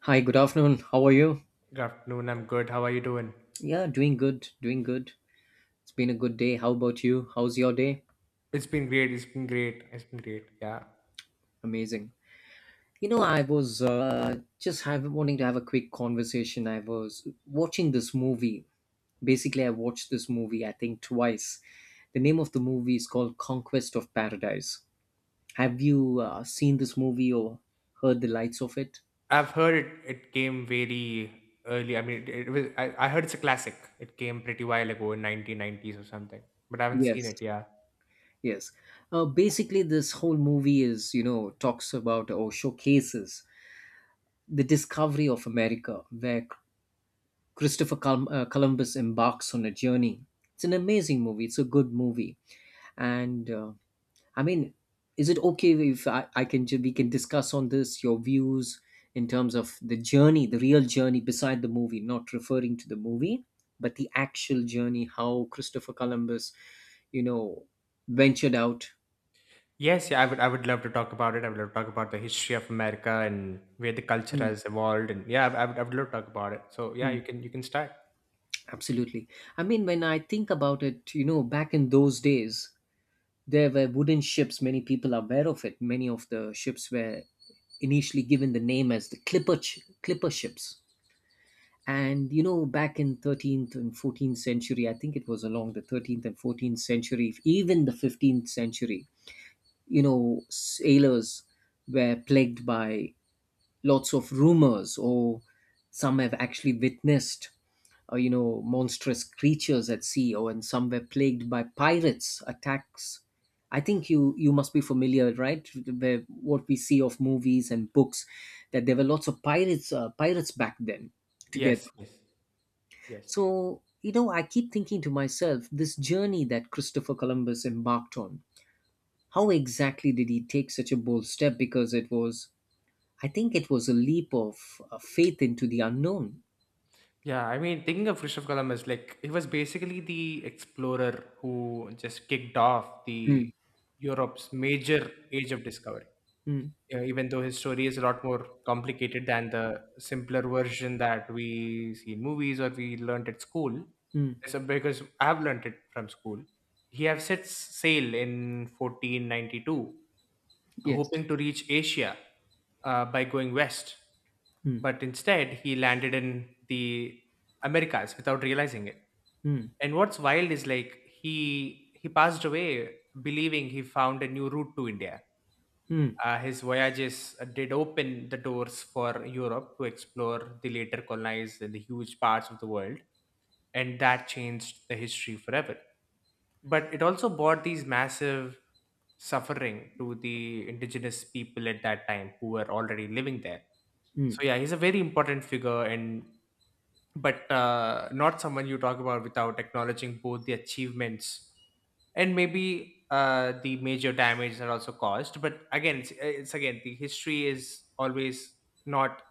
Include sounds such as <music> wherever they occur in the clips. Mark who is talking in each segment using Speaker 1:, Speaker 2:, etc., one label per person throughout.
Speaker 1: Hi, good afternoon. How are you?
Speaker 2: Good afternoon. I'm good. How are you doing?
Speaker 1: Yeah, doing good, doing good. It's been a good day. How about you? How's your day?
Speaker 2: It's been great. It's been great. It's been great. Yeah.
Speaker 1: Amazing. I was wanting to have a quick conversation. I was watching this movie. Basically, I watched this movie, I think, twice. The name of the movie is called Conquest of Paradise. Have you seen this movie or heard the lights of it?
Speaker 2: I've heard it came very early. I mean, it was, I heard it's a classic. It came pretty while ago in 1990s or something, but I haven't seen
Speaker 1: Yes.
Speaker 2: it. Yeah.
Speaker 1: Yes. Basically, this whole movie talks about or showcases the discovery of America, where Christopher Columbus embarks on a journey. It's an amazing movie. It's a good movie, and I mean, is it okay if I we can discuss on this your views in terms of the journey, the real journey beside the movie, not referring to the movie, but the actual journey, how Christopher Columbus, you know, ventured out.
Speaker 2: Yes. Yeah. I would love to talk about it. I would love to talk about the history of America and where the culture
Speaker 1: Mm,
Speaker 2: has evolved. And yeah, I would love to talk about it. So yeah, you
Speaker 1: mm,
Speaker 2: can, you can start.
Speaker 1: absolutely. I mean, when I think about it, back in those days, there were wooden ships. Many people are aware of it. Many of the ships were initially given the name as the clipper, clipper ships. And back in 13th and 14th century, I think it was along the 13th and 14th century, even the 15th century, sailors were plagued by lots of rumors, or some have actually witnessed monstrous creatures at sea, or and some were plagued by pirates attacks. I think you must be familiar, right? Where what we see of movies and books, that there were lots of pirates back then together.
Speaker 2: Yes. Yes. Yes.
Speaker 1: So I keep thinking to myself, this journey that Christopher Columbus embarked on, how exactly did he take such a bold step? Because it was, I think, it was a leap of faith into the unknown.
Speaker 2: Yeah, I mean, thinking of Christopher Columbus, like he was basically the explorer who just kicked off the
Speaker 1: Mm,
Speaker 2: Europe's major age of discovery.
Speaker 1: mm,
Speaker 2: Yeah, even though his story is a lot more complicated than the simpler version that we see in movies or we learned at school,
Speaker 1: mm,
Speaker 2: so because I have learned it from school. He have set sail in 1492
Speaker 1: yes.
Speaker 2: hoping to reach Asia by going west.
Speaker 1: Mm,
Speaker 2: But instead, he landed in the Americas without realizing it.
Speaker 1: mm,
Speaker 2: And what's wild is like he passed away believing he found a new route to India.
Speaker 1: mm.
Speaker 2: His voyages did open the doors for Europe to explore the later colonized and the huge parts of the world, and that changed the history forever, but it also brought these massive suffering to the indigenous people at that time who were already living there. So
Speaker 1: Mm,
Speaker 2: yeah, he's a very important figure, and but not someone you talk about without acknowledging both the achievements and maybe the major damage that also caused. But again, it's again the history is always not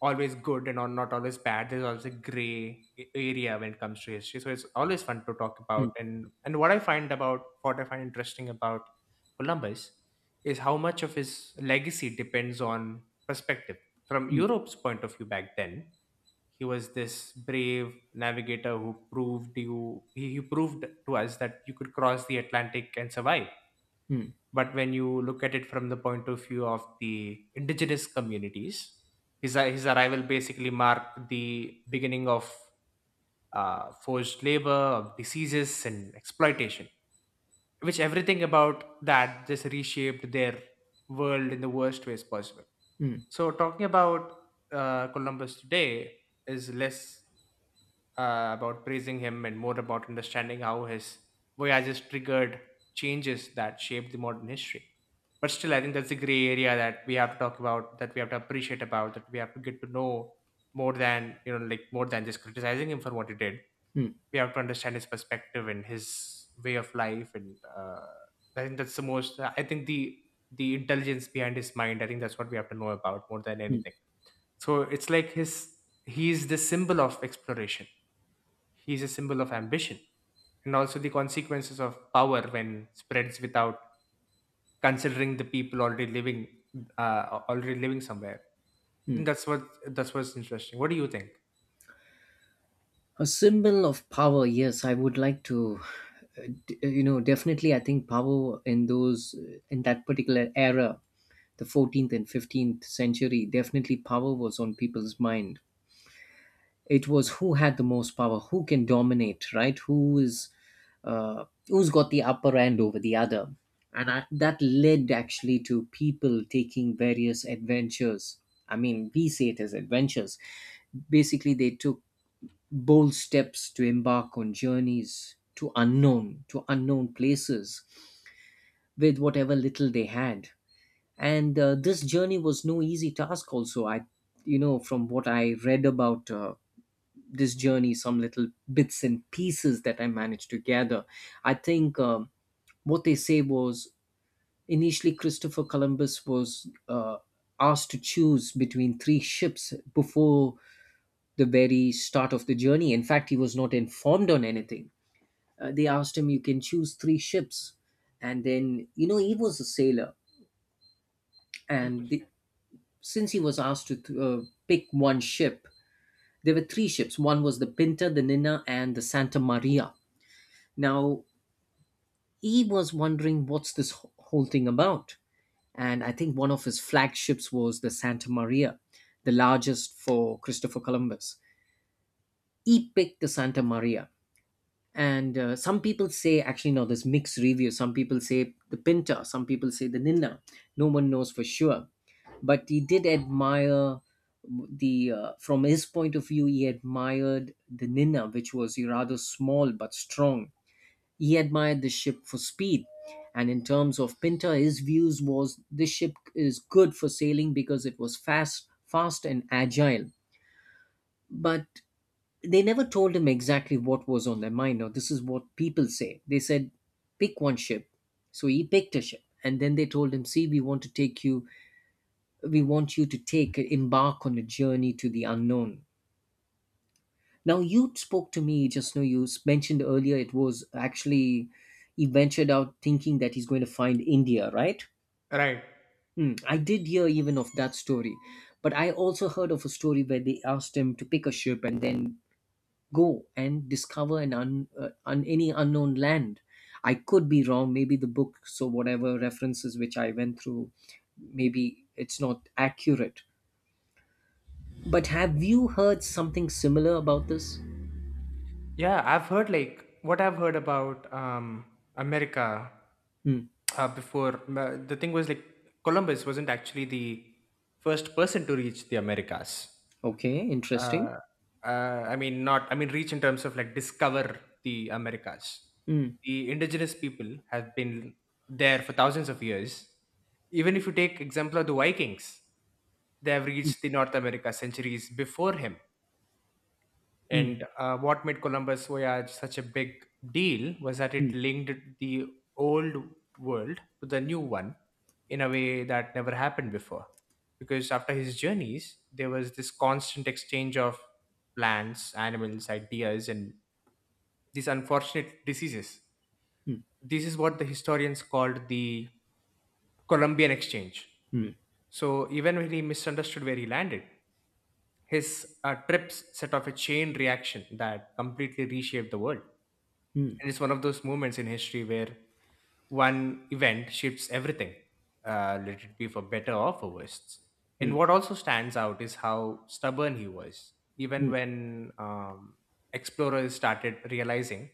Speaker 2: always good and not always bad. There's always a gray area when it comes to history, so it's always fun to talk
Speaker 1: mm,
Speaker 2: about. And what I find about what I find interesting about Columbus is how much of his legacy depends on perspective. From
Speaker 1: mm,
Speaker 2: Europe's point of view back then, he was this brave navigator who he proved to us that you could cross the Atlantic and survive,
Speaker 1: mm,
Speaker 2: but when you look at it from the point of view of the indigenous communities, his arrival basically marked the beginning of forced labor, of diseases and exploitation, which everything about that just reshaped their world in the worst ways possible.
Speaker 1: mm,
Speaker 2: So talking about Columbus today is less about praising him and more about understanding how his voyages triggered changes that shaped the modern history. But still, I think that's a gray area that we have to talk about, that we have to appreciate about, that we have to get to know more than like, more than just criticizing him for what he did.
Speaker 1: mm,
Speaker 2: We have to understand his perspective and his way of life, and I think that's the most. I think the intelligence behind his mind, I think that's what we have to know about more than
Speaker 1: mm,
Speaker 2: anything. So it's like his he's the symbol of exploration, he is a symbol of ambition, and also the consequences of power when spreads without considering the people already living somewhere. And
Speaker 1: mm.
Speaker 2: that's what's interesting. What do you think?
Speaker 1: A symbol of power, yes, I would like to, definitely. I think power in in that particular era, the 14th and 15th century, definitely power was on people's mind. It was who had the most power, who can dominate, right? Who is who's got the upper hand over the other, and that led actually to people taking various adventures. I mean, we say it as adventures. Basically, they took bold steps to embark on journeys to unknown places with whatever little they had. And this journey was no easy task. Also, from what I read about. This journey, some little bits and pieces that I managed to gather. I think what they say was, initially Christopher Columbus was asked to choose between three ships before the very start of the journey. In fact, he was not informed on anything. They asked him, "You can choose three ships." And then, he was a sailor. And
Speaker 2: Interesting.
Speaker 1: since he was asked to pick one ship, there were three ships. One was the Pinta, the Nina, and the Santa Maria. Now, he was wondering what's this whole thing about, and I think one of his flagships was the Santa Maria, the largest. For Christopher Columbus, he picked the Santa Maria. And some people say, actually no, there's mixed reviews. Some people say the Pinta, some people say the Nina. No one knows for sure, but he did admire the, from his point of view, he admired the Nina, which was rather small but strong. He admired the ship for speed, and in terms of Pinter, his views was this ship is good for sailing because it was fast, fast and agile. But they never told him exactly what was on their mind. Now this is what people say. They said, pick one ship. So he picked a ship. And then they told him, see, we want to take you, we want you to take, embark on a journey to the unknown. Now you spoke to me just now. You mentioned earlier it was actually he ventured out thinking that he's going to find India, right?
Speaker 2: Right.
Speaker 1: Hmm, I did hear even of that story, but I also heard of a story where they asked him to pick a ship and then go and discover an any unknown land. I could be wrong. Maybe the book, so whatever references which I went through, maybe it's not accurate. But have you heard something similar about this?
Speaker 2: Yeah, I've heard, like, what I've heard about America
Speaker 1: Hmm.
Speaker 2: before, the thing was like Columbus wasn't actually the first person to reach the Americas.
Speaker 1: Okay, interesting.
Speaker 2: Uh, uh, I mean, not, I mean, reach in terms of like discover the Americas.
Speaker 1: Hmm.
Speaker 2: The indigenous people have been there for thousands of years. Even if you take example of the Vikings, they have reached the North America centuries before him.
Speaker 1: Mm,
Speaker 2: And what made Columbus' voyage such a big deal was that it
Speaker 1: mm,
Speaker 2: linked the old world to the new one in a way that never happened before. Because after his journeys, there was this constant exchange of plants, animals, ideas, and these unfortunate diseases.
Speaker 1: mm,
Speaker 2: This is what the historians called the Columbian Exchange.
Speaker 1: mm,
Speaker 2: So even when he misunderstood where he landed, his trips set off a chain reaction that completely reshaped the world.
Speaker 1: mm,
Speaker 2: And it's one of those moments in history where one event shifts everything, let it be for better or for worse. And
Speaker 1: mm,
Speaker 2: what also stands out is how stubborn he was, even
Speaker 1: mm,
Speaker 2: when explorers started realizing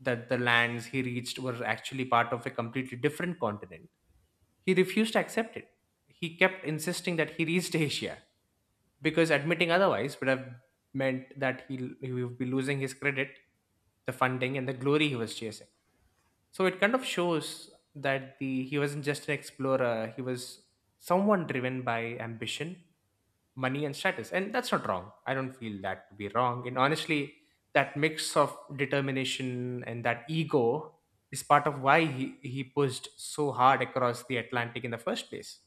Speaker 2: that the lands he reached were actually part of a completely different continent. He refused to accept it. He kept insisting that he reached <laughs> Asia, because admitting otherwise would have meant that he would be losing his credit, the funding, and the glory he was chasing. So it kind of shows that the he wasn't just an explorer; he was someone driven by ambition, money, and status. And that's not wrong. I don't feel that to be wrong. And honestly, that mix of determination and that ego is part of why he pushed so hard across the Atlantic in the first place.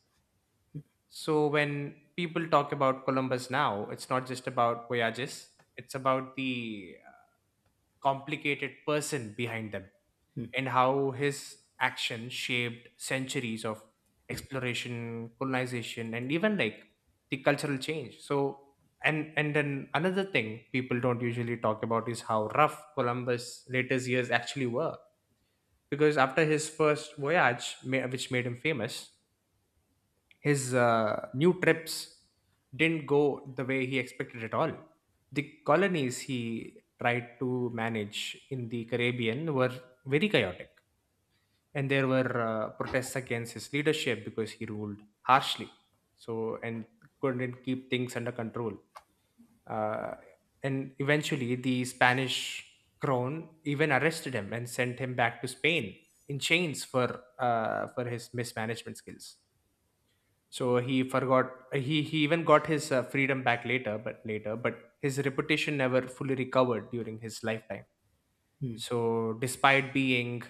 Speaker 2: So when people talk about Columbus now, it's not just about voyages, it's about the complicated person behind them, and how his action shaped centuries of exploration, colonization, and even like the cultural change. So and then another thing people don't usually talk about is how rough Columbus' latest years actually were. Because after his first voyage, which made him famous, his new trips didn't go the way he expected at all. The colonies he tried to manage in the Caribbean were very chaotic, and there were protests against his leadership because he ruled harshly. So and couldn't keep things under control. Uh, and eventually, the Spanish crown even arrested him and sent him back to Spain in chains for his mismanagement skills. So he forgot, he even got his freedom back later, but his reputation never fully recovered during his lifetime.
Speaker 1: mm,
Speaker 2: So despite being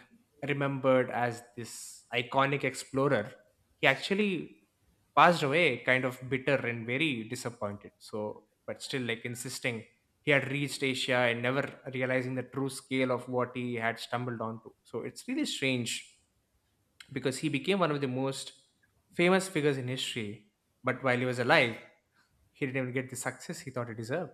Speaker 2: remembered as this iconic explorer, he actually passed away kind of bitter and very disappointed. So, but still like insisting he had reached Asia and never realizing the true scale of what he had stumbled onto. So it's really strange because he became one of the most famous figures in history, but while he was alive, he didn't even get the success he thought he deserved.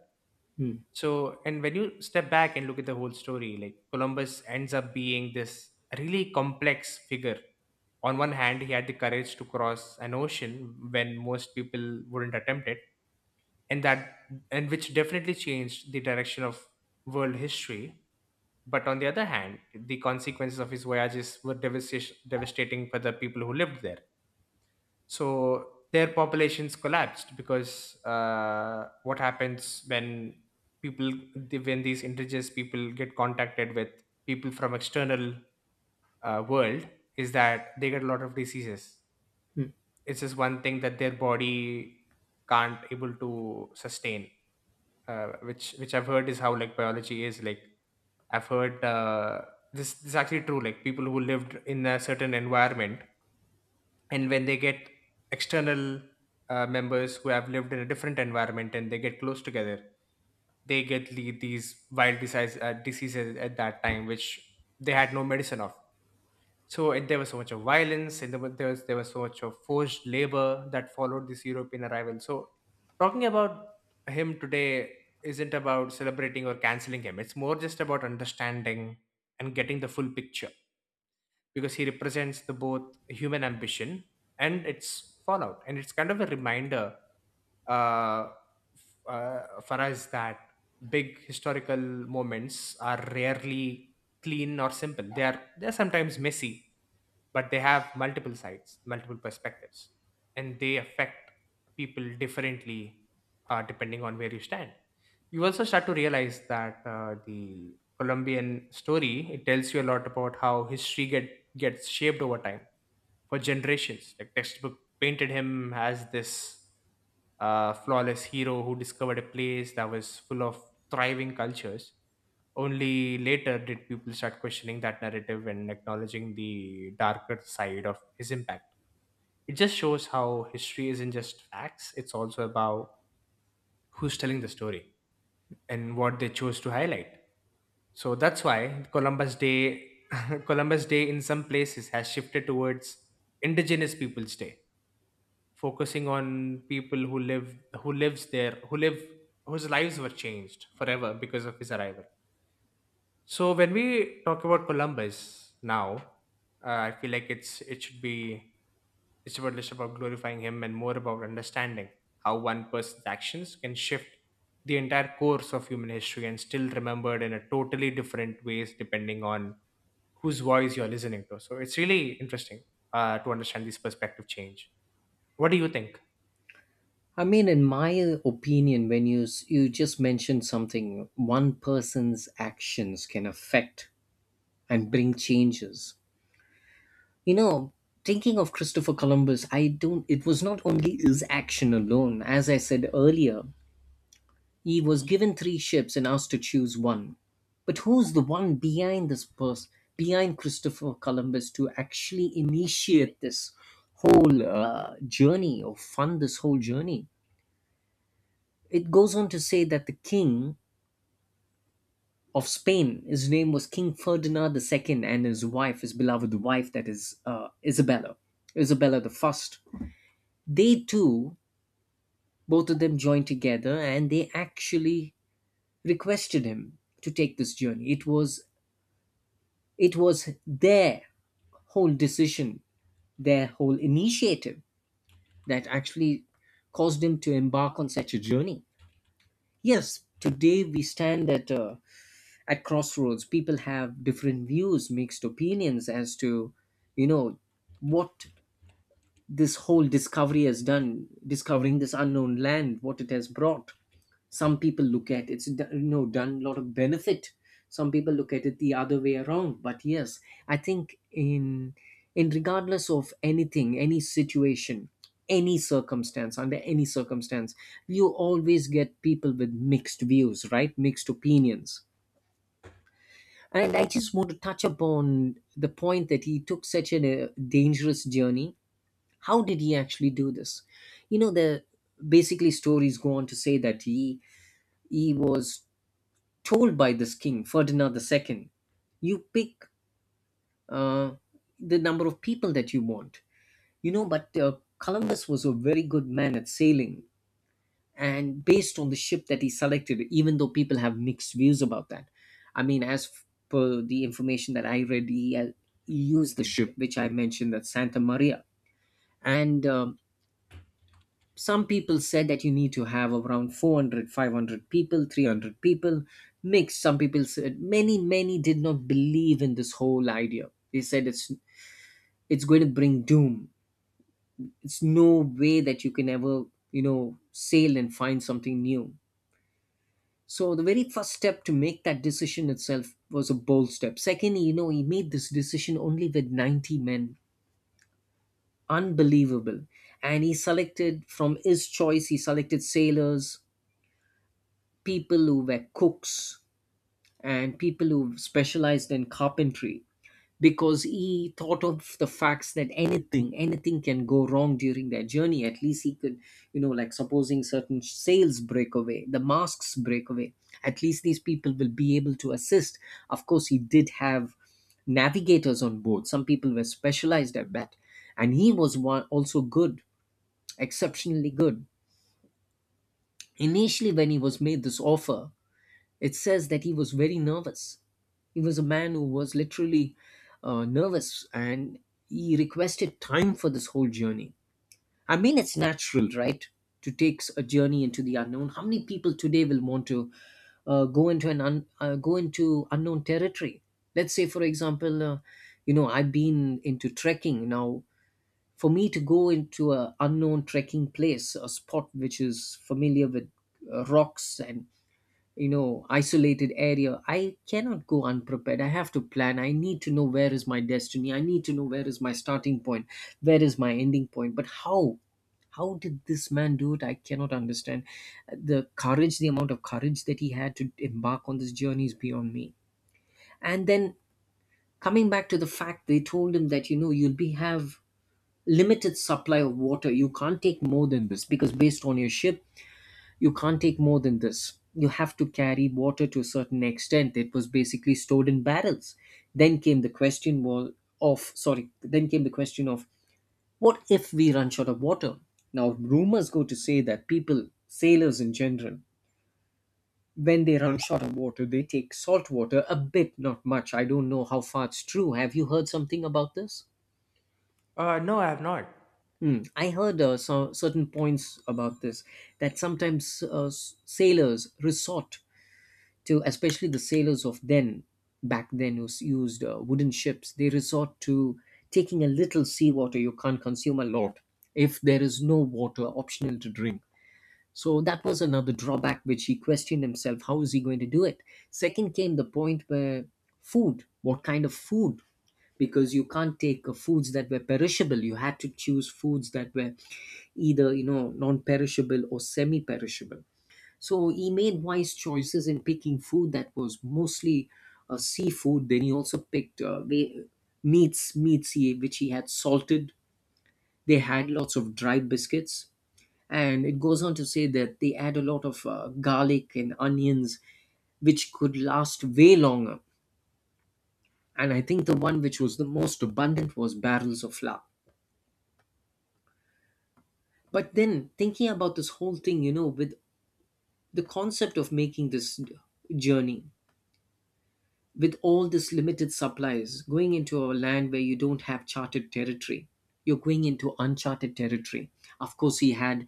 Speaker 1: mm,
Speaker 2: So, and when you step back and look at the whole story, like, Columbus ends up being this really complex figure. On one hand, he had the courage to cross an ocean when most people wouldn't attempt it, and that and which definitely changed the direction of world history. But on the other hand, the consequences of his voyages were devastating for the people who lived there. So their populations collapsed because, what happens when when these indigenous people get contacted with people from external world is that they get a lot of diseases.
Speaker 1: mm.
Speaker 2: It's just one thing that their body can't able to sustain, which I've heard is how like biology is, like I've heard, this is actually true. Like, people who lived in a certain environment, and when they get external members who have lived in a different environment and they get close together, they get these wild diseases at that time which they had no medicine of. So, and there was so much of violence, and there was so much of forced labor that followed this European arrival. So talking about him today isn't about celebrating or canceling him, it's more just about understanding and getting the full picture, because he represents the both human ambition and its fallout. And it's kind of a reminder, uh, for us, that big historical moments are rarely clean or simple. They are sometimes messy, but they have multiple sides, multiple perspectives, and they affect people differently, depending on where you stand. You also start to realize that the Colombian story, it tells you a lot about how history gets shaped over time for generations. Like, textbook painted him as this flawless hero who discovered a place that was full of thriving cultures. Only later did people start questioning that narrative and acknowledging the darker side of his impact. It just shows how history isn't just facts, it's also about who's telling the story and what they chose to highlight. So that's why Columbus Day <laughs> Columbus Day in some places has shifted towards Indigenous Peoples Day, focusing on people who live who lives there who live whose lives were changed forever because of his arrival. So when we talk about Columbus now, I feel like it should be it's about less about glorifying him and more about understanding how one person's actions can shift the entire course of human history and still remembered in a totally different ways depending on whose voice you're listening to. So it's really interesting to understand this perspective change. What do you think?
Speaker 1: I mean, in my opinion, when you you just mentioned something, one person's actions can affect and bring changes. You know, thinking of Christopher Columbus, I don't. It was not only his action alone. As I said earlier, he was given three ships and asked to choose one. But who's the one behind this person, behind Christopher Columbus to actually initiate this whole journey or fund this whole journey? It goes on to say that the king of Spain, his name was King Ferdinand II, and his wife, his beloved wife, that is Isabella, Isabella the First. They too, both of them joined together, and they actually requested him to take this journey. It was their whole decision, their whole initiative that actually caused him to embark on such a journey. Yes, today we stand at crossroads. People have different views, mixed opinions as to, you know, what this whole discovery has done, discovering this unknown land, what it has brought. Some people look at it's done a lot of benefit. Some people look at it the other way around, but yes, I think in regardless of anything, any situation, any circumstance, under any circumstance, you always get people with mixed views, right, mixed opinions. And I just want to touch upon the point that he took such a dangerous journey. How did he actually do this? You know, the basically stories go on to say that he was told by this King Ferdinand II, you pick uh, the number of people that you want. You know, but Columbus was a very good man at sailing, and based on the ship that he selected, even though people have mixed views about that. I mean, as per the information that I read, he used the ship which I mentioned, that Santa Maria. And some people said that you need to have around 400, 500 people, 300 people, mixed. Some people said, many did not believe in this whole idea. They said it's going to bring doom. It's no way that you can ever sail and find something new. So the very first step to make that decision itself was a bold step. Secondly, he made this decision only with 90 men. Unbelievable. And he selected from his choice, he selected sailors, people who were cooks, and people who specialized in carpentry, because he thought of the facts that anything can go wrong during their journey. At least he could, like, supposing certain sales break away, the masks break away, at least these people will be able to assist. Of course he did have navigators on board. Some people were specialized at that, and he was one also good, exceptionally good. Initially, when he was made this offer, it says that he was very nervous. He was a man who was literally nervous, and he requested time for this whole journey. I mean, it's natural, right? To take a journey into the unknown. How many people today will want to go into an go into unknown territory. Let's say, for example, you know, I've been into trekking. Now, for me to go into a unknown trekking place, a spot which is familiar with rocks and, isolated area, I cannot go unprepared. I have to plan. I need to know where is my destiny, I need to know where is my starting point, where is my ending point. But how did this man do it? I cannot understand the courage, the amount of courage that he had to embark on this journey is beyond me. And then, coming back to the fact, they told him that, you'll be have limited supply of water, you can't take more than this because based on your ship, you can't take more than this. You have to carry water to a certain extent. It was basically stored in barrels. Then came the question was of, sorry, then came the question of, what if we run short of water? Now rumors go to say that people, sailors in general, when they run short of water, they take salt water a bit, not much. I don't know how far it's true. Have you heard something about this?
Speaker 2: No, I have not.
Speaker 1: Hmm. I heard certain points about this, that sometimes sailors resort to, especially the sailors of then, back then, who used wooden ships. They resort to taking a little seawater. You can't consume a lot if there is no water optional to drink. So that was another drawback, which he questioned himself, how is he going to do it? Second came the point where food, what kind of food, because you can't take foods that were perishable. You had to choose foods that were either, you know, non-perishable or semi-perishable. So he made wise choices in picking food that was mostly seafood. Then he also picked meats, which he had salted. They had lots of dried biscuits, and it goes on to say that they add a lot of garlic and onions, which could last way longer. And I think the one which was the most abundant was barrels of flour. But then, thinking about this whole thing, you know, with the concept of making this journey, with all this limited supplies, going into a land where you don't have charted territory, you're going into uncharted territory. Of course, he had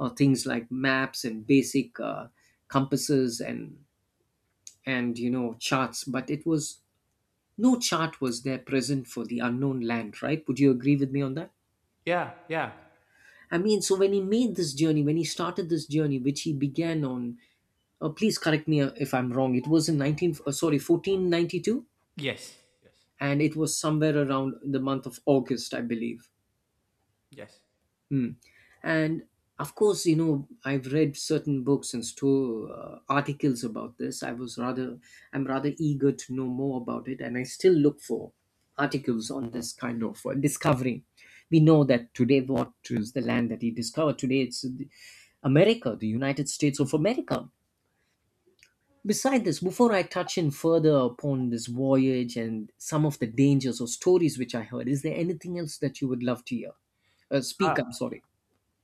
Speaker 1: things like maps and basic compasses, and you know, charts. But it was, no chart was there present for the unknown land, right? Would you agree with me on that?
Speaker 2: Yeah, yeah.
Speaker 1: I mean, so when he made this journey, when he started this journey, which he began on, please correct me if I'm wrong, it was in 19, sorry 1492,
Speaker 2: Yes, yes,
Speaker 1: and it was somewhere around the month of August, I believe.
Speaker 2: yes.
Speaker 1: Hmm. And of course, you know, I've read certain books and articles about this. I'm rather eager to know more about it, and I still look for articles on this kind of discovery. We know that today, what is the land that he discovered? Today, it's America, the United States of America. Beside this, before I touch in further upon this voyage and some of the dangers or stories which I heard, is there anything else that you would love to hear? Speak,
Speaker 2: Ah,
Speaker 1: I'm sorry.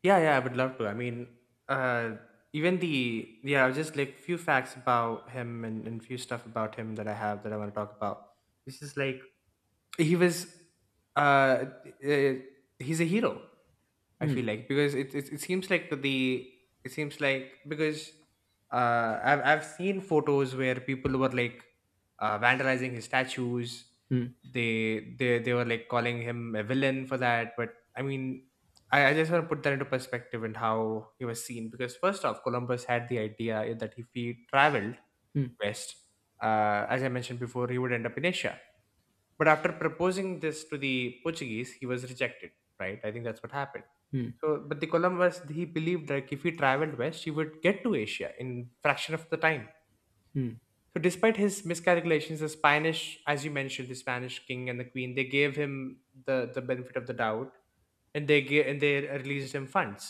Speaker 2: yeah, yeah, I would love to. I mean, uh, just like few facts about him, and few stuff about him that I have that I want to talk about. This is like he was, uh, uh he's a hero. I
Speaker 1: Hmm,
Speaker 2: feel like because it seems like the it seems like because I've seen photos where people were like vandalizing his statues.
Speaker 1: hmm,
Speaker 2: They were like calling him a villain for that, but I mean, I just want to put that into perspective and how he was seen. Because first off, Columbus had the idea that if he traveled
Speaker 1: hmm,
Speaker 2: west, as I mentioned before, he would end up in Asia. But after proposing this to the Portuguese, he was rejected, right? I think that's what happened.
Speaker 1: hmm,
Speaker 2: So, but the Columbus, he believed like if he traveled west, he would get to Asia in fraction of the time.
Speaker 1: hmm,
Speaker 2: So despite his miscalculations, the Spanish, as you mentioned, the Spanish king and the queen, they gave him the benefit of the doubt, and they released him funds.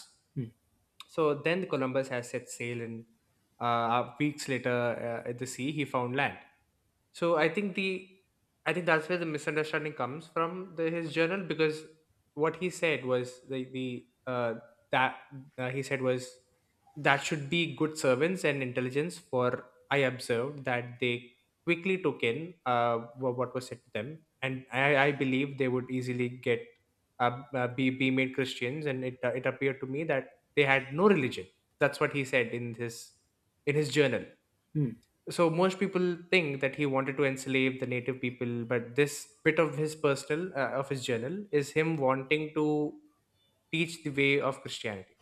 Speaker 2: So then Columbus has set sail, and weeks later, at the sea, he found land. So I think that's where the misunderstanding comes from, his journal. Because what he said was the that he said was that should be good servants and intelligence, for I observed that they quickly took in what was said to them, and I believe they would easily get be made Christians. And it appeared to me that they had no religion. That's what he said in his journal.
Speaker 1: hmm,
Speaker 2: So most people think that he wanted to enslave the native people, but this bit of his personal, of his journal, is him wanting to teach the way of Christianity.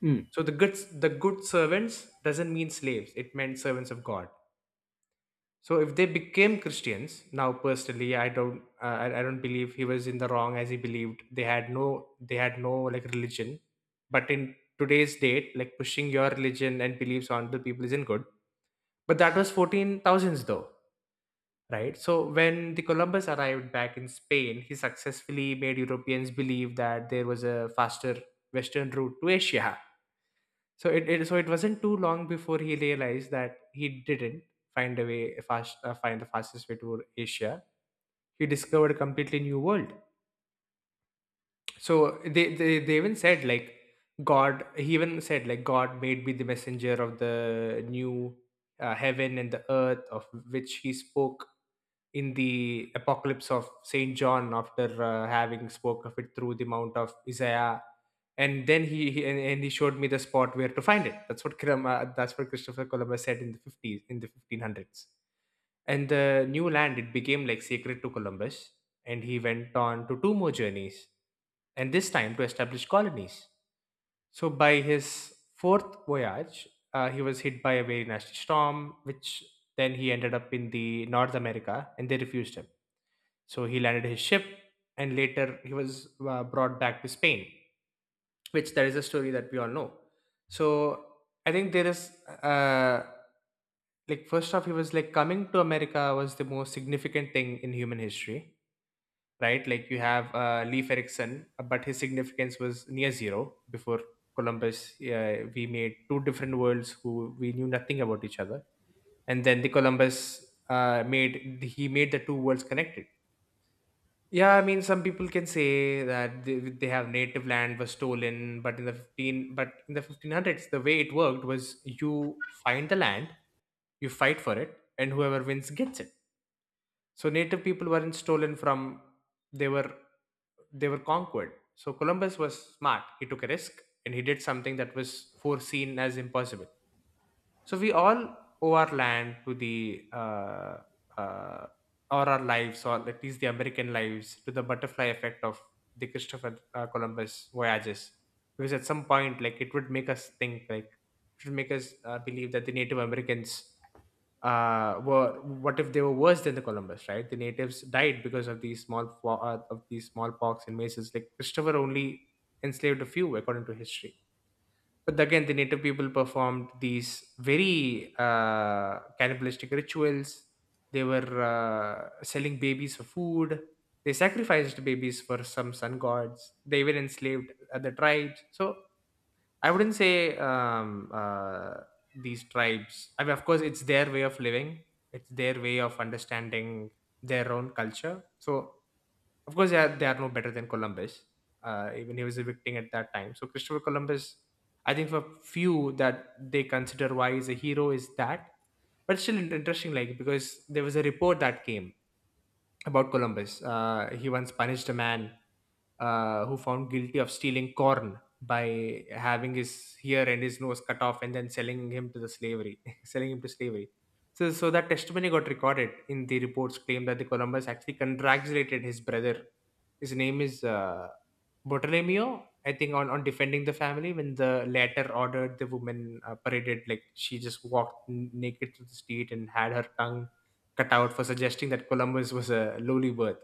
Speaker 1: hmm.
Speaker 2: So the good servants doesn't mean slaves, it meant servants of God. So if they became Christians, now personally I don't, I don't believe he was in the wrong, as he believed they had no like religion. But in today's date, like pushing your religion and beliefs on the people isn't good. But that was 14000s though. Right. So when the Columbus arrived back in Spain, he successfully made Europeans believe that there was a faster western route to Asia. So it wasn't too long before he realized that he didn't find a way a fast find the fastest way to Asia. He discovered a completely new world. So they even said like God, he even said like God made me the messenger of the new, heaven and the earth, of which he spoke in the apocalypse of Saint John, after having spoke of it through the mount of Isaiah. And then he and he showed me the spot where to find it. That's what Christopher Columbus said in the 50s, in the 1500s. And the new land, it became like sacred to Columbus, and he went on to two more journeys, and this time to establish colonies. So, by his fourth voyage, he was hit by a very nasty storm, which then he ended up in the North America, and they refused him. So he landed his ship, and later he was brought back to Spain, which there is a story that we all know. So I think there is, like, first off, he was like coming to America was the most significant thing in human history, right? Like you have, Leif Erikson, but his significance was near zero before Columbus. We made two different worlds who we knew nothing about each other. And then the Columbus, made he made the two worlds connected. Yeah, I mean, some people can say that they have native land was stolen, but in the 1500s, the way it worked was you find the land, you fight for it, and whoever wins gets it. So native people weren't stolen from; they were they were conquered. So Columbus was smart. He took a risk, and he did something that was foreseen as impossible. So we all owe our land to the, uh, or our lives, or at least the American lives, to the butterfly effect of the Christopher, Columbus voyages. Because at some point, like, it would make us think, like, it would make us believe that the Native Americans, were what if they were worse than the Columbus, right? The natives died because of these smallpox and mazes. Like Christopher only enslaved a few, according to history. But again, the native people performed these very cannibalistic rituals. They were selling babies for food. They sacrificed babies for some sun gods. They were enslaved other tribes. So I wouldn't say, these tribes. I mean, of course, it's their way of living. It's their way of understanding their own culture. So of course, they are no better than Columbus. Even he was evicting at that time. So Christopher Columbus, I think for few that they consider why he's a hero is that. But still interesting, like, because there was a report that came about Columbus. He once punished a man who found guilty of stealing corn by having his ear and his nose cut off and then selling him to the slavery, <laughs> selling him to slavery. So, so that testimony got recorded in the reports claim that the Columbus actually congratulated his brother. His name is, Bartolomeo, I think, on defending the family when the latter ordered the woman paraded, like she just walked naked through the street, and had her tongue cutout for suggesting that Columbus was a lowly birth.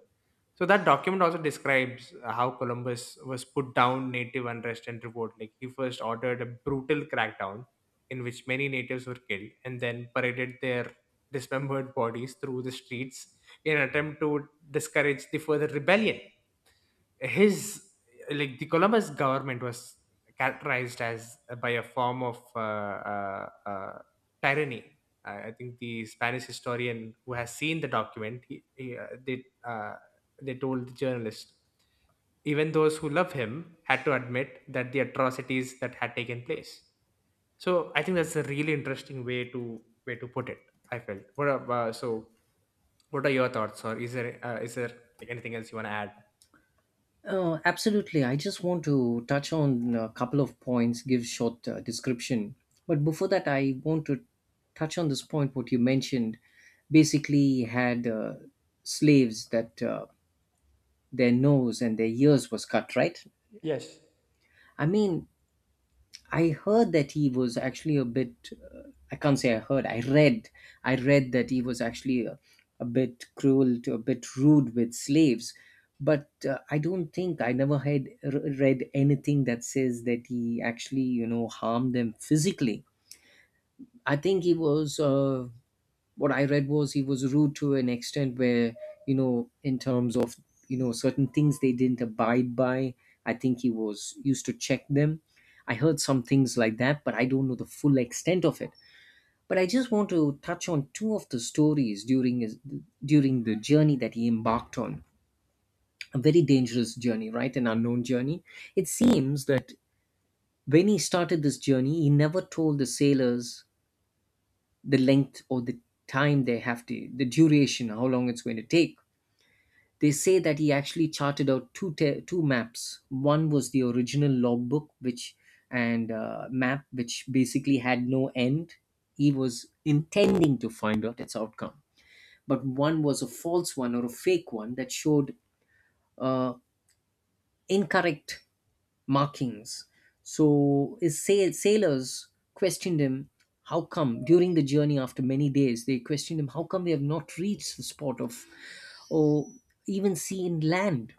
Speaker 2: So that document also describes how Columbus was put down native unrest and revolt. Like he first ordered a brutal crackdown in which many natives were killed, and then paraded their dismembered bodies through the streets in an attempt to discourage the further rebellion. His, like the Columbus government was characterized as, by a form of tyranny. I think the Spanish historian who has seen the document, he, they told the journalist, even those who love him had to admit that the atrocities that had taken place. So I think that's a really interesting way to put it. I felt. What are, so? What are your thoughts? Or is there, is there, like, anything else you want to add?
Speaker 1: Absolutely. I just want to touch on a couple of points, give short description. But before that, I want to touch on this point what you mentioned. Basically, had slaves that, their nose and their ears was cut, right?
Speaker 2: Yes.
Speaker 1: I mean, I heard that he was actually a bit. I can't say I heard. I read. I read that he was actually a bit cruel, a bit rude with slaves. But I don't think I never had read anything that says that he actually, you know, harmed them physically. I think he was, what I read was, he was rude to an extent where, you know, in terms of, you know, certain things they didn't abide by. I think he was used to check them. I heard some things like that, but I don't know the full extent of it. But I just want to touch on two of the stories during his, during the journey that he embarked on. A very dangerous journey, right? An unknown journey. It seems that when he started this journey, he never told the sailors the length or the time they have to, the duration, how long it's going to take. They say that he actually charted out two maps. One was the original logbook, which, and map, which basically had no end. He was intending to find out its outcome, but one was a false one or a fake one that showed uh, incorrect markings. So his sailors questioned him, how come during the journey after many days, they questioned him, how come they have not reached the spot of, or even seen land?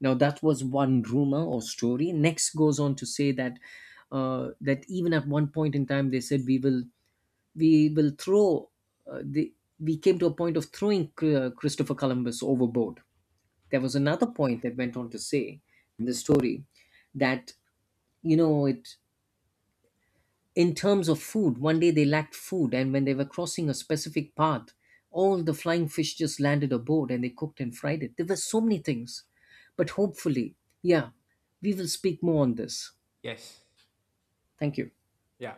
Speaker 1: Now that was one rumor or story. Next goes on to say that, even at one point in time, they said, we will throw uh, the, we came to a point of throwing Christopher Columbus overboard. There was another point that went on to say in the story that, you know it, in terms of food, one day they lacked food, and when they were crossing a specific path, all the flying fish just landed aboard, and they cooked and fried it. There were so many things, but hopefully, yeah, we will speak more on this.
Speaker 2: Yes.
Speaker 1: Thank you.
Speaker 2: Yeah.